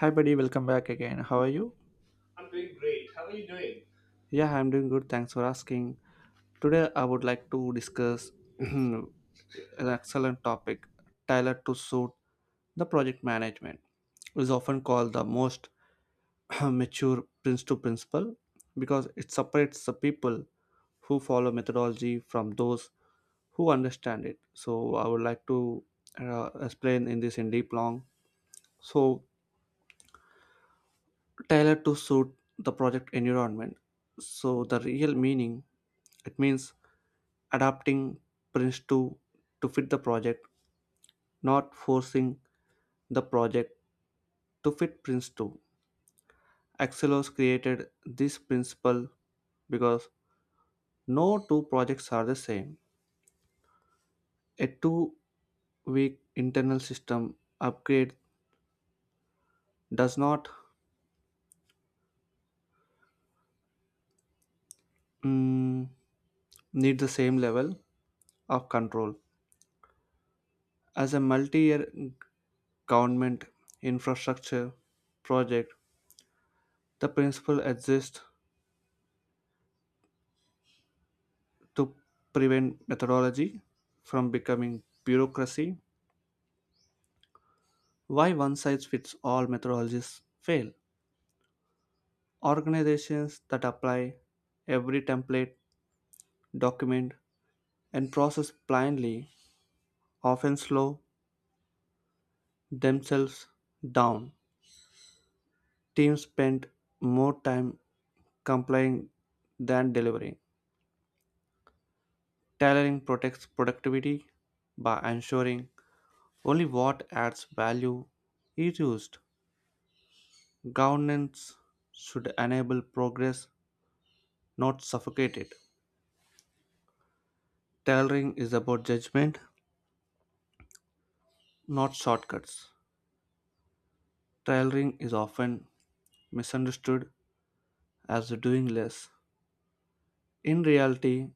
Hi, buddy. Welcome back again. How are you? I'm doing great. How are you doing? Yeah, I'm doing good. Thanks for asking. Today, I would like to discuss an excellent topic tailored to suit the project management. It is often called the most mature prince to principle because it separates the people who follow methodology from those who understand it. So, I would like to explain in this in deep long. So, tailored to suit the project environment. So the real meaning it means adapting Prince 2 to fit the project, not forcing the project to fit Prince 2. Axelos created this principle because no two projects are the same. A 2 week internal system upgrade does not mm, need the same level of control as a multi year government infrastructure project. The principle exists to prevent methodology from becoming bureaucracy. Why one size fits all methodologies fail? Organizations that apply every template, document, and process blindly often slow themselves down. Teams spend more time complying than delivering. Tailoring protects productivity by ensuring only what adds value is used. Governance should enable progress, not suffocate it. Tailoring is about judgment, not shortcuts. Tailoring is often misunderstood as doing less. In reality,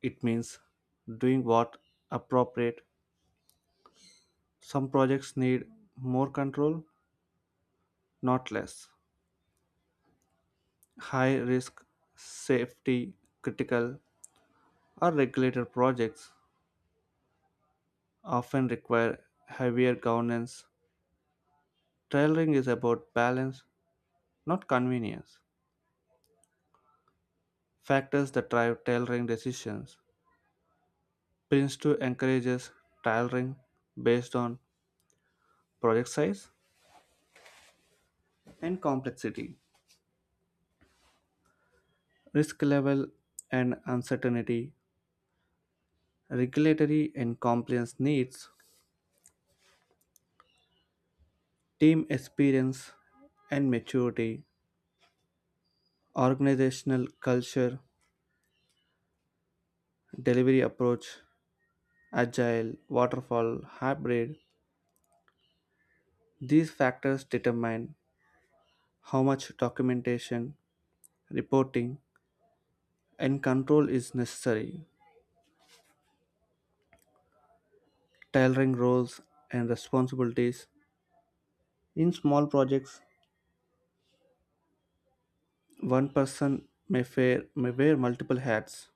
it means doing what appropriate. Some projects need more control, not less. High risk, safety, critical, or regulated projects often require heavier governance. Tailoring is about balance, not convenience. Factors that drive tailoring decisions. Prince 2 encourages tailoring based on project size and complexity, risk level and uncertainty, regulatory and compliance needs, team experience and maturity, organizational culture, delivery approach, agile, waterfall, hybrid. These factors determine how much documentation, reporting, and control is necessary, tailoring roles and responsibilities. In small projects, one person may, fare, may wear multiple hats: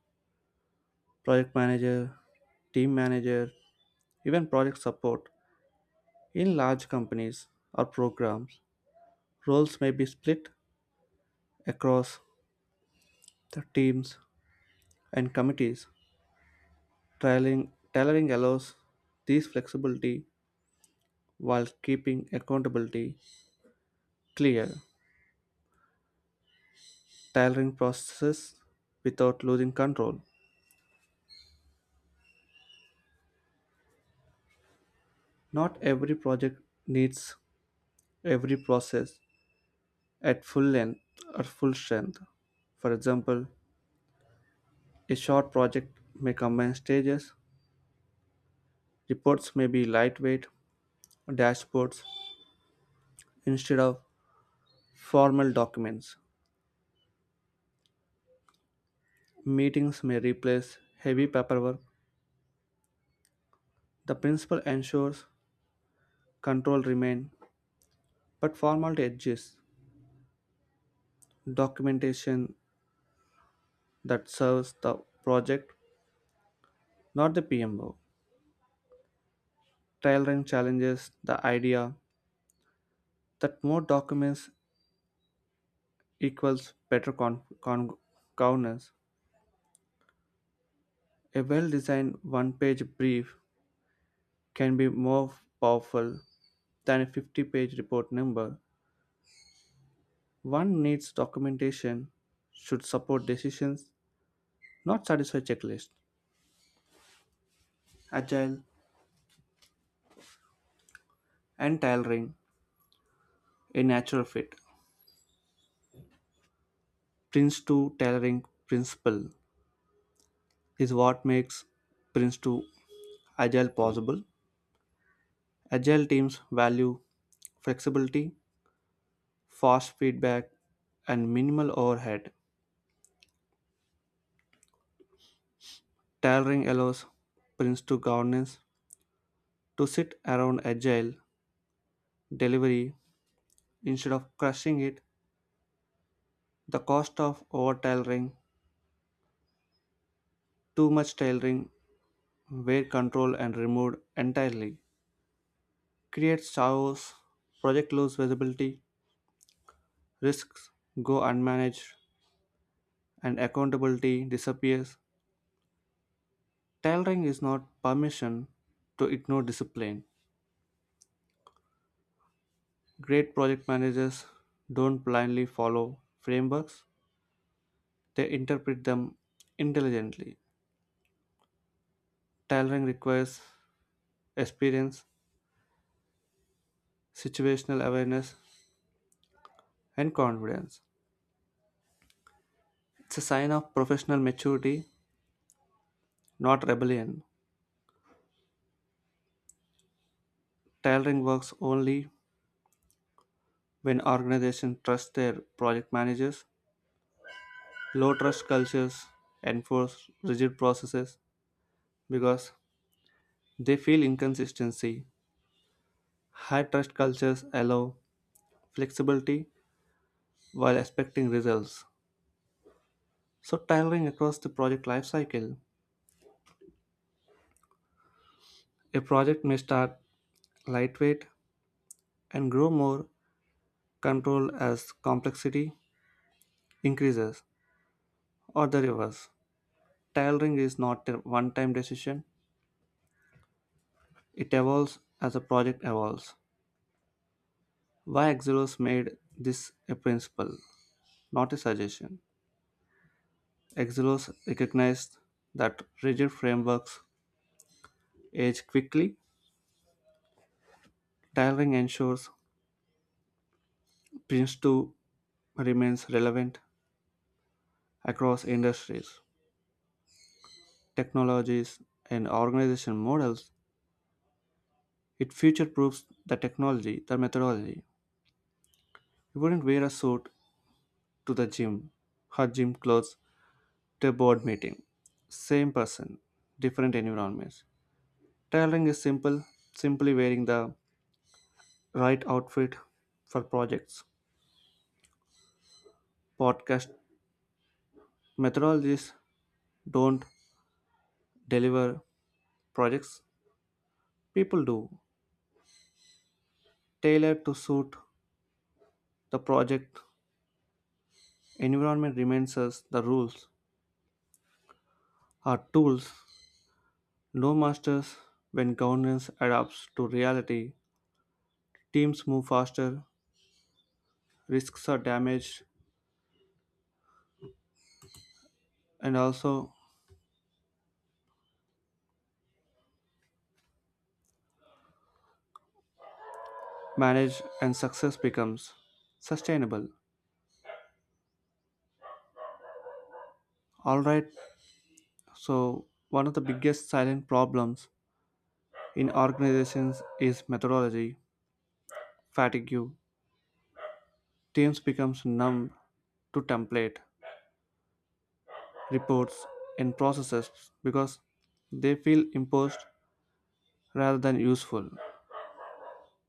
project manager, team manager, even project support. In large companies or programs, roles may be split across the teams and committees. Tailoring allows this flexibility while keeping accountability clear, tailoring processes without losing control. Not every project needs every process at full length or full strength. For example, a short project may combine stages, reports may be lightweight, dashboards instead of formal documents, meetings may replace heavy paperwork. The principle ensures control remains, but formality exists. Documentation that serves the project, not the PMO. Tailoring challenges the idea that more documents equals better governance. A well designed one page brief can be more powerful than a 50-page report number. One needs documentation, should support decisions, not satisfy checklist. Agile and tailoring a natural fit. Prince 2 tailoring principle is what makes Prince 2 agile possible. Agile teams value flexibility, fast feedback, and minimal overhead. Tailoring allows sprints to governance to sit around agile delivery instead of crushing it. The cost of over tailoring, too much tailoring, where control and removed entirely, creates chaos, project lose visibility, risks go unmanaged, and accountability disappears. Tailoring is not permission to ignore discipline. Great project managers don't blindly follow frameworks, they interpret them intelligently. Tailoring requires experience, situational awareness, and confidence. It's a sign of professional maturity, not rebellion. Tailoring works only when organizations trust their project managers. Low trust cultures enforce rigid processes because they feel inconsistency. High trust cultures allow flexibility while expecting results. So, tailoring across the project lifecycle, a project may start lightweight and grow more controlled as complexity increases, or the reverse. Tailoring is not a one time decision, it evolves as the project evolves. Why Exilos made this a principle, not a suggestion? Exilos recognized that rigid frameworks age quickly. Tailoring ensures Prince 2 remains relevant across industries, technologies, and organization models. It future proofs the technology, the methodology. You wouldn't wear a suit to the gym or gym clothes to a board meeting. Same person, different environments. Tailoring is simple, simply wearing the right outfit for projects. Podcast methodologies don't deliver projects, people do. Tailored to suit the project environment reminds us the rules are tools, no masters. When governance adapts to reality, teams move faster, risks are damaged, and also managed, and success becomes sustainable. All right, so one of the biggest silent problems in organizations is methodology fatigue. Teams becomes numb to template, reports, and processes because they feel imposed rather than useful.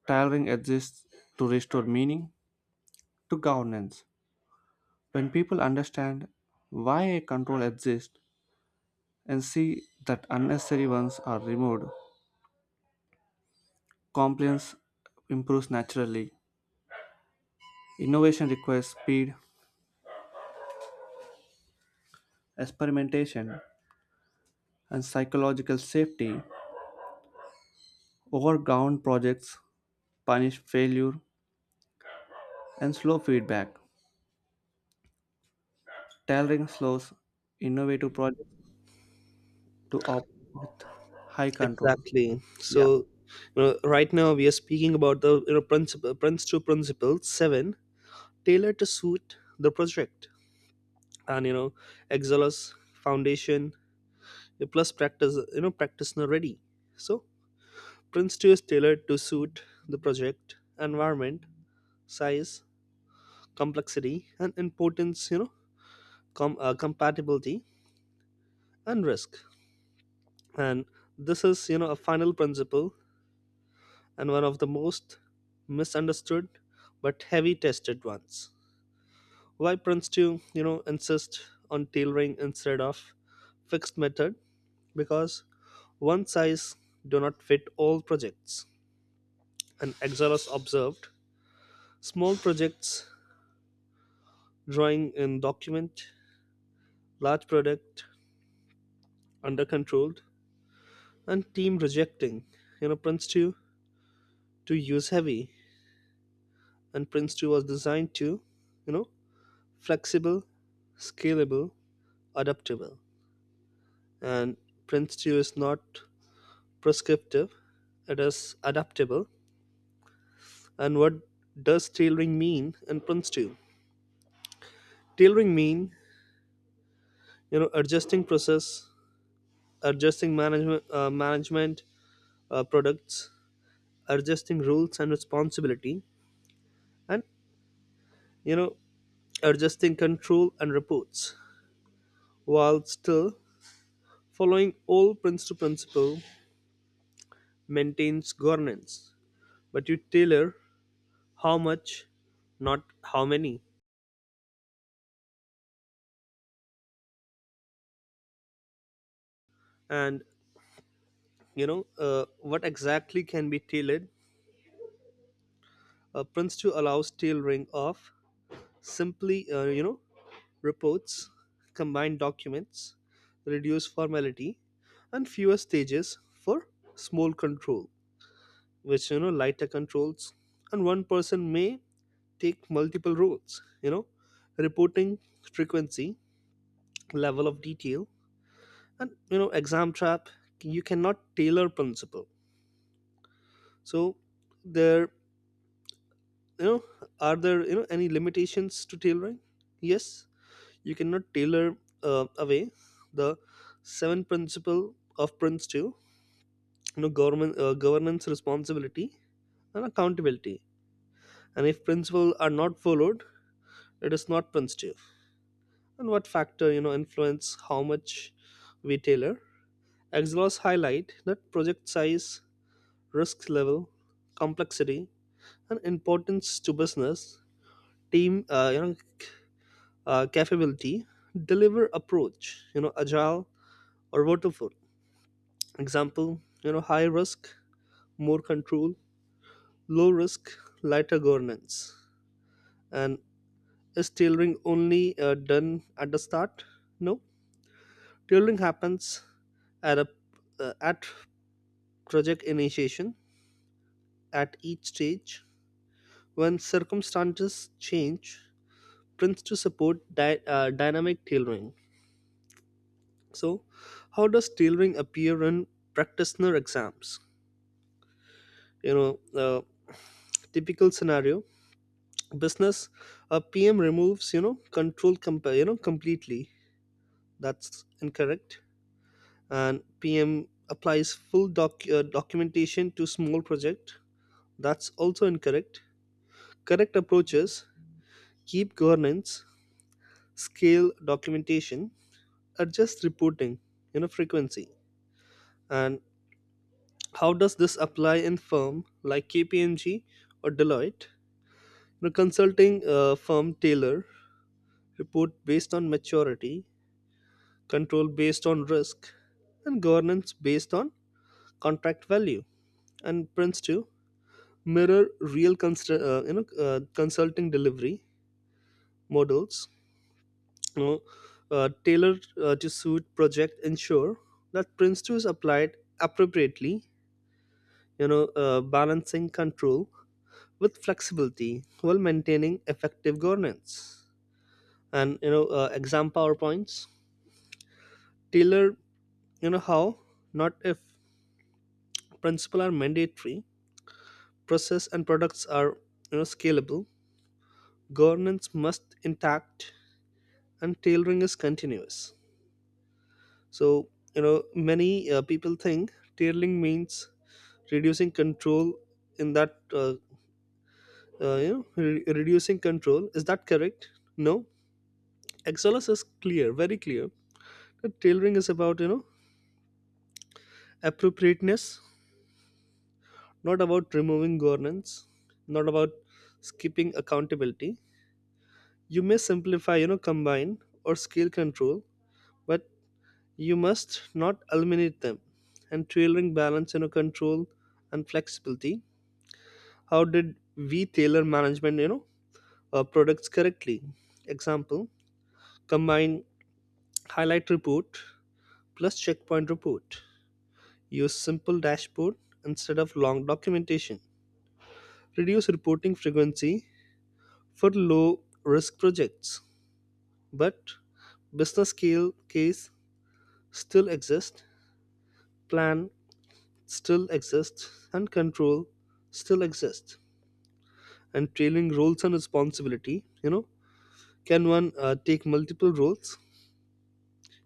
Tailoring exists to restore meaning to governance. When people understand why a control exists and see that unnecessary ones are removed, compliance improves naturally. Innovation requires speed, experimentation, and psychological safety. Overground projects punish failure and slow feedback. Tailoring slows innovative projects to operate with high control. Exactly. Yeah, So, right now we are speaking about the principle, Prince to Principle Seven, tailored to suit the project, and Exolus Foundation plus practice, practice now ready. So, Prince Two is tailored to suit the project environment, size, complexity, and importance. Compatibility and risk, and this is a final principle and one of the most misunderstood but heavy tested ones. Why Prince to, insist on tailoring instead of fixed method? Because one size do not fit all projects. And Exelos observed small projects drawing in document, large product under controlled, and team rejecting. Prince 2 to use heavy, and Prince 2 was designed to, you know, flexible, scalable, adaptable. And Prince 2 is not prescriptive, it is adaptable. And what does tailoring mean in Prince 2? Tailoring mean, adjusting process, adjusting management products, adjusting rules and responsibility, and, you know, adjusting control and reports, while still following all Prince 2 principle maintains governance. But you tailor how much, not how many. And what exactly can be tailored, prints to allows tailoring of simply, reports, combined documents, reduce formality, and fewer stages for small control, which lighter controls, and one person may take multiple roles, reporting frequency, level of detail, and exam trap, you cannot tailor principle. So there, you know are there any limitations to tailoring? Yes, you cannot tailor away the seven principle of prince 2, government governance, responsibility, and accountability. And if principles are not followed, it is not prince 2. And what factor influence how much we tailor? Exlos highlight that project size, risk level, complexity, and importance to business, team capability, deliver approach, agile or waterfall. Example, high risk, more control, low risk, lighter governance. And is tailoring only done at the start? No, tailoring happens at a at project initiation, at each stage, when circumstances change. Prints to support dynamic tailoring. So how does tailoring appear in practitioner exams? you know uh, typical scenario, business, a pm removes, control completely. That's incorrect. And pm applies full documentation to small project. That's also incorrect. Correct approaches, keep governance, scale documentation, adjust reporting, frequency. And how does this apply in firm like kpmg or deloitte? The consulting firm taylor report based on maturity, control based on risk, and governance based on contract value. And Prince 2 mirror real consulting delivery models, you know, tailored to suit project, ensure that Prince 2 is applied appropriately, balancing control with flexibility while maintaining effective governance. And, exam PowerPoints tailor, how, not if. Principles are mandatory. Process and products are, scalable. Governance must intact, and tailoring is continuous. So, many people think tailoring means reducing control. In that, reducing control, is that correct? No. Exolus is clear, very clear. That tailoring is about, appropriateness, not about removing governance, not about skipping accountability. You may simplify, combine or scale control, but you must not eliminate them. And tailoring balance, control and flexibility. How did we tailor management, products correctly? Example, combine highlight report plus checkpoint report. Use simple dashboard instead of long documentation. Reduce reporting frequency for low risk projects, but business scale case still exist. Plan still exists and control still exists. And trailing roles and responsibility, can one take multiple roles?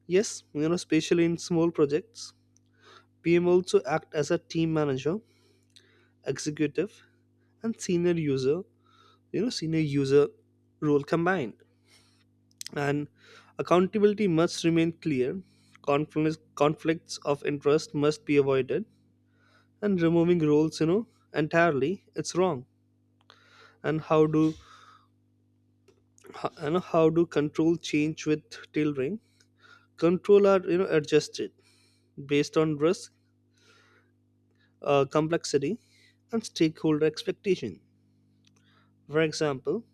Yes, especially in small projects, pm also act as a team manager, executive, and senior user. Senior user role combined, and accountability must remain clear. Conflicts of interest must be avoided, and removing roles, entirely, it's wrong. And how do how do control change with tailoring? Control are, adjusted based on risk, complexity, and stakeholder expectation. For example,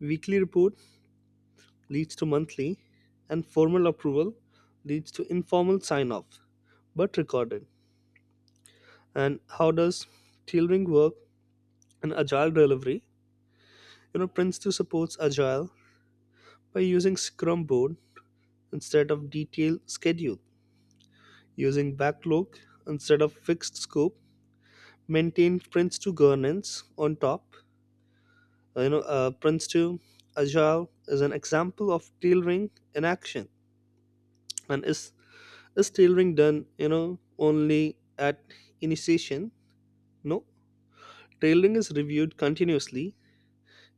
weekly report leads to monthly, and formal approval leads to informal sign off, but recorded. And how does tailoring work in agile delivery? Prince2 supports agile by using scrum board instead of detailed schedule, using backlog instead of fixed scope, maintained Prince2 governance on top. Prince2 Agile is an example of tailoring in action. And is tailoring done, only at initiation? No. Tailoring is reviewed continuously,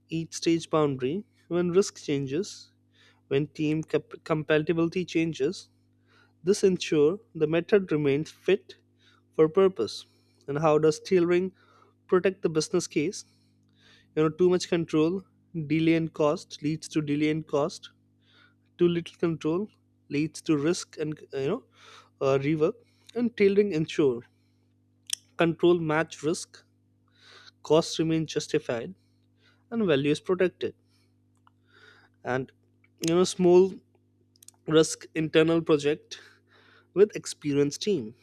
each stage boundary, when risk changes, when team compatibility changes. This ensure the method remains fit for purpose. And how does tailoring protect the business case? Too much control, delay and cost, leads to delay and cost. Too little control leads to risk and, rework. And tailoring ensure control match risk, costs remain justified, and value is protected. And, small risk internal project with experienced team.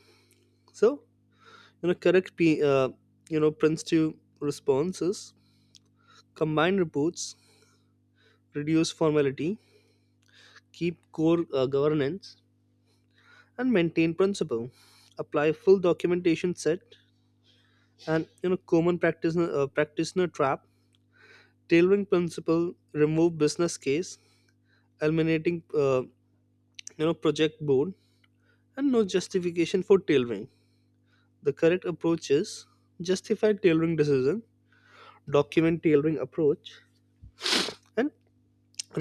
So, correct, p you know prints to responses, combine reports, reduce formality, keep core, governance, and maintain principle, apply full documentation set. And, common practitioner trap, tailoring principle, remove business case, eliminating, uh, project board, and no justification for tailoring. The correct approach is, justify tailoring decision, document tailoring approach, and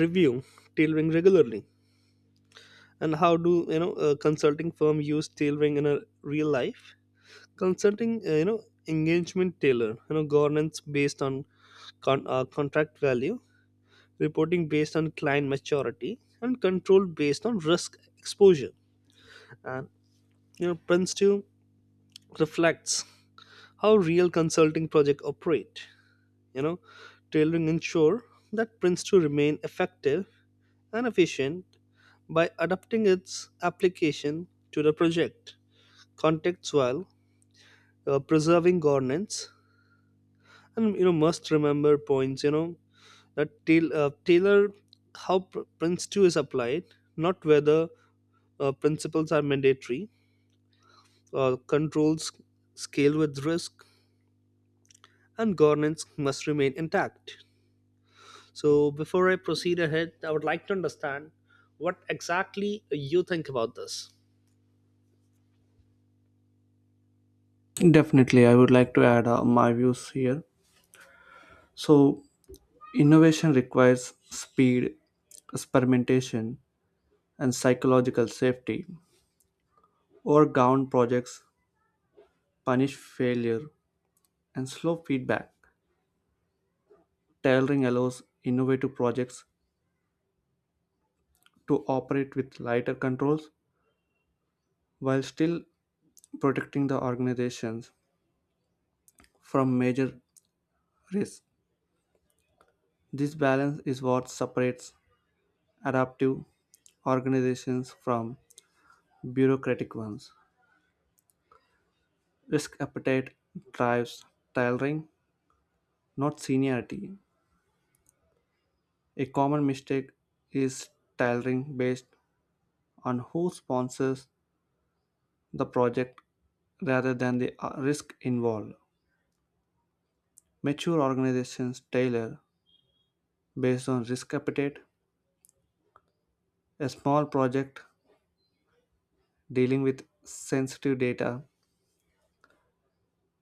review tailoring regularly. And how do a consulting firm use tailoring in a real life consulting, engagement? Tailor, governance based on contract value, reporting based on client maturity, and control based on risk exposure. And, Prince 2 reflects how real consulting projects operate. You know, tailoring ensure that Prince 2 remain effective and efficient by adapting its application to the project context while, preserving governance. And, must remember points, that tailor how Prince 2 is applied, not whether, principles are mandatory, controls scale with risk, and governance must remain intact. So, before I proceed ahead, I would like to understand what exactly you think about this. definitely. I would like to add my views here. So, innovation requires speed, experimentation, and psychological safety. Overground projects punish failure and slow feedback. Tailoring allows innovative projects to operate with lighter controls while still protecting the organizations from major risks. This balance is what separates adaptive organizations from bureaucratic ones. Risk appetite drives tailoring, not seniority. A common mistake is tailoring based on who sponsors the project rather than the risk involved. Mature organizations tailor based on risk appetite. A small project dealing with sensitive data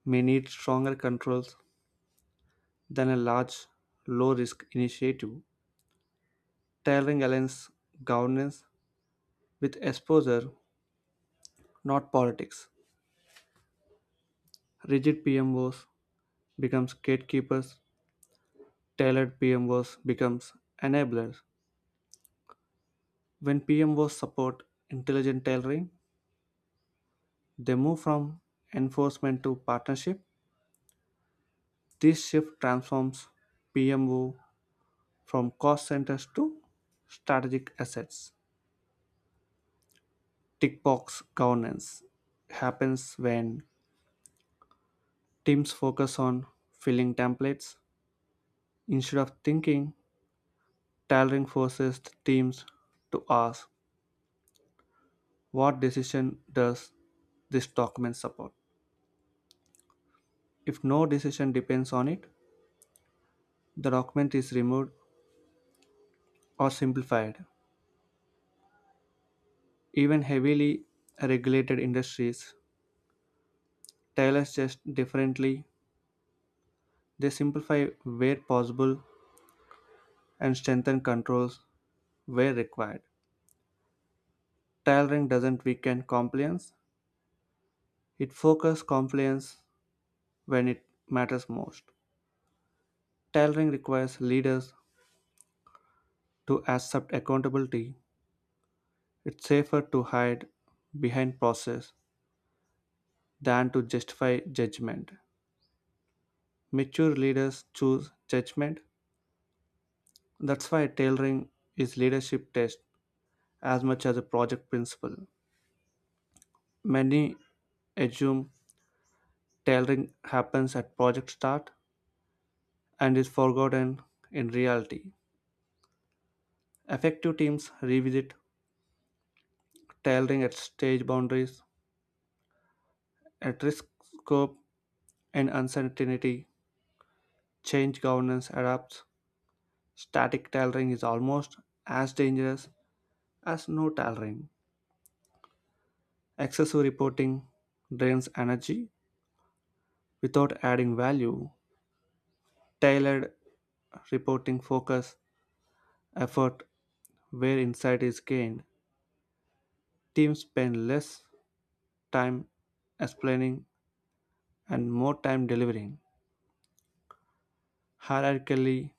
may need stronger controls than a large low risk initiative. Tailoring aligns governance with exposure, not politics. Rigid PMOs becomes gatekeepers. Tailored PMOs becomes enablers. When PMOs support intelligent tailoring, they move from enforcement to partnership. This shift transforms PMO from cost centers to strategic assets. Tick box governance happens when teams focus on filling templates instead of thinking. Tailoring forces teams to ask what decision does this document support. If no decision depends on it, the document is removed or simplified. Even heavily regulated industries tailor just differently. They simplify where possible and strengthen controls where required. Tailoring doesn't weaken compliance, it focuses compliance when it matters most. Tailoring requires leaders to accept accountability. It's safer to hide behind process than to justify judgment. Mature leaders choose judgment. That's why tailoring is leadership test as much as a project principle. Many assume tailoring happens at project start and is forgotten in reality. Effective teams revisit tailoring at stage boundaries, at risk scope, and uncertainty. Change governance adapts. Static tailoring is almost as dangerous as no tailoring. Excessive reporting drains energy without adding value. Tailored reporting focus effort where insight is gained. Teams spend less time explaining and more time delivering. Hierarchically,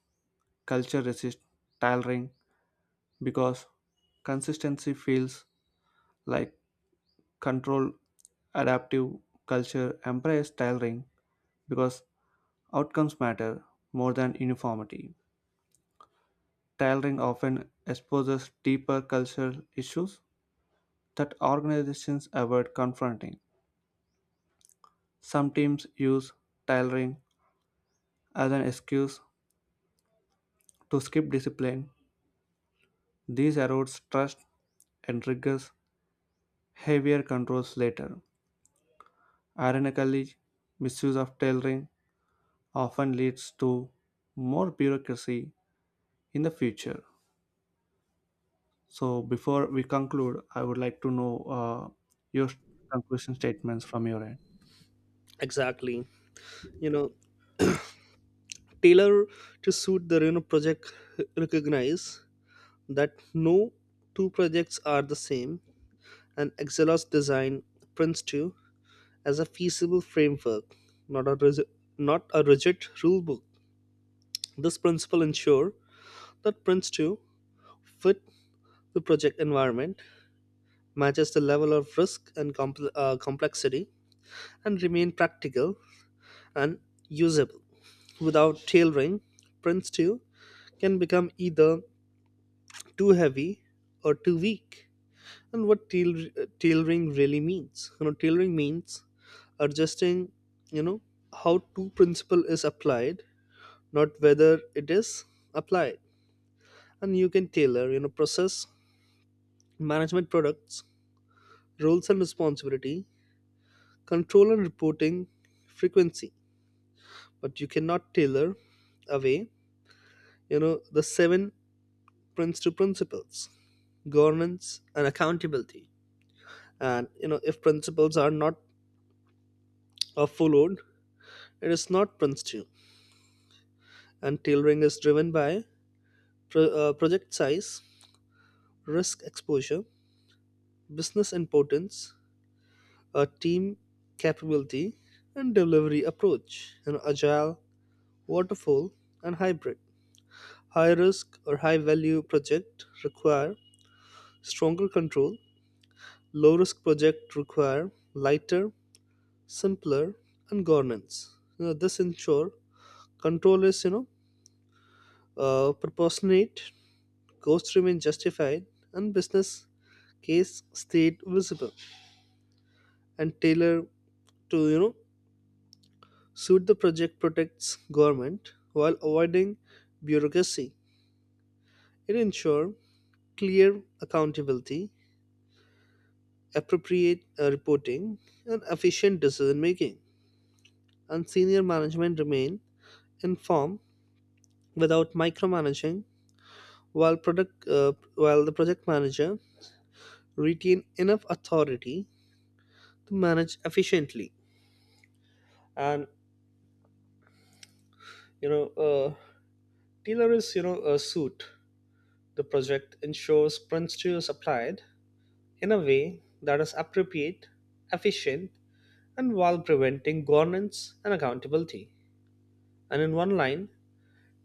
culture resists tailoring because consistency feels like control. Adaptive culture embrace tailoring because outcomes matter more than uniformity. Tailoring often exposes deeper cultural issues that organizations avoid confronting. Some teams use tailoring as an excuse to skip discipline. This erodes trust and triggers heavier controls later. Ironically, misuse of tailoring often leads to more bureaucracy in the future. So, before we conclude, I would like to know your conclusion statements from your end. Exactly, you know, tailor to suit the Reno project recognize that no two projects are the same, and Exelos design Prince2 as a feasible framework, not a, ris- not a rigid rule book. This principle ensures that Prince 2 fit the project environment, matches the level of risk and complexity, and remain practical and usable. Without tailoring, Prince 2 can become either too heavy or too weak. And what tailoring really means? Tailoring means adjusting, you know, how two principle is applied, not whether it is applied. And you can tailor, process management products, roles and responsibility, control and reporting frequency. But you cannot tailor away, the seven principal principles, governance and accountability. And, if principles are not are followed, it is not principle. And tailoring is driven by project size, risk exposure, business importance, a team capability, and delivery approach, an agile, waterfall, and hybrid. High risk or high value project require stronger control. Low risk project require lighter, simpler, and governance. This ensure control is, proportionate, costs remain justified, and business case stayed visible. And tailor to, suit the project protects government while avoiding bureaucracy. It ensures clear accountability, appropriate, reporting, and efficient decision making. And senior management remain informed without micromanaging, while product while the project manager retain enough authority to manage efficiently. And, you know, uh, tailor is, a suit. The project ensures principles applied in a way that is appropriate, efficient, and while preventing governance and accountability. And in one line,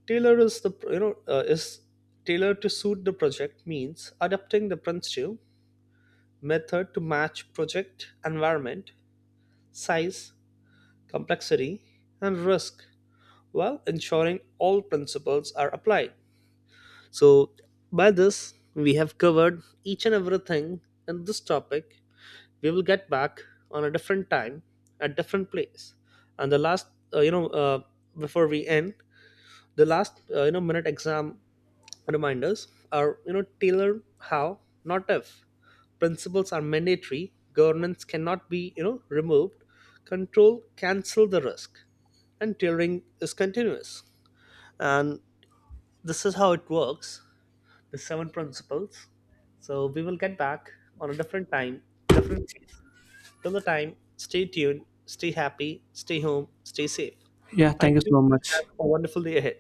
tailor is the you know is tailored to suit the project means adapting the principle method to match project environment, size, complexity, and risk, while ensuring all principles are applied. So by this, we have covered each and everything in this topic. We will get back on a different time, at different place. And the last, uh, you know uh, before we end, the last, minute exam reminders are, tailor how, not if. Principles are mandatory, governance cannot be, removed, control cancel the risk, and tailoring is continuous. And this is how it works, the seven principles. So we will get back on a different time, different place. Till the time, stay tuned, stay happy, stay home, stay safe. Yeah, Thank thank you you. so And much. have a wonderful day ahead.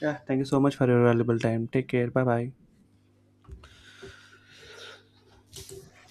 Yeah, thank you so much for your valuable time. Take care. Bye bye.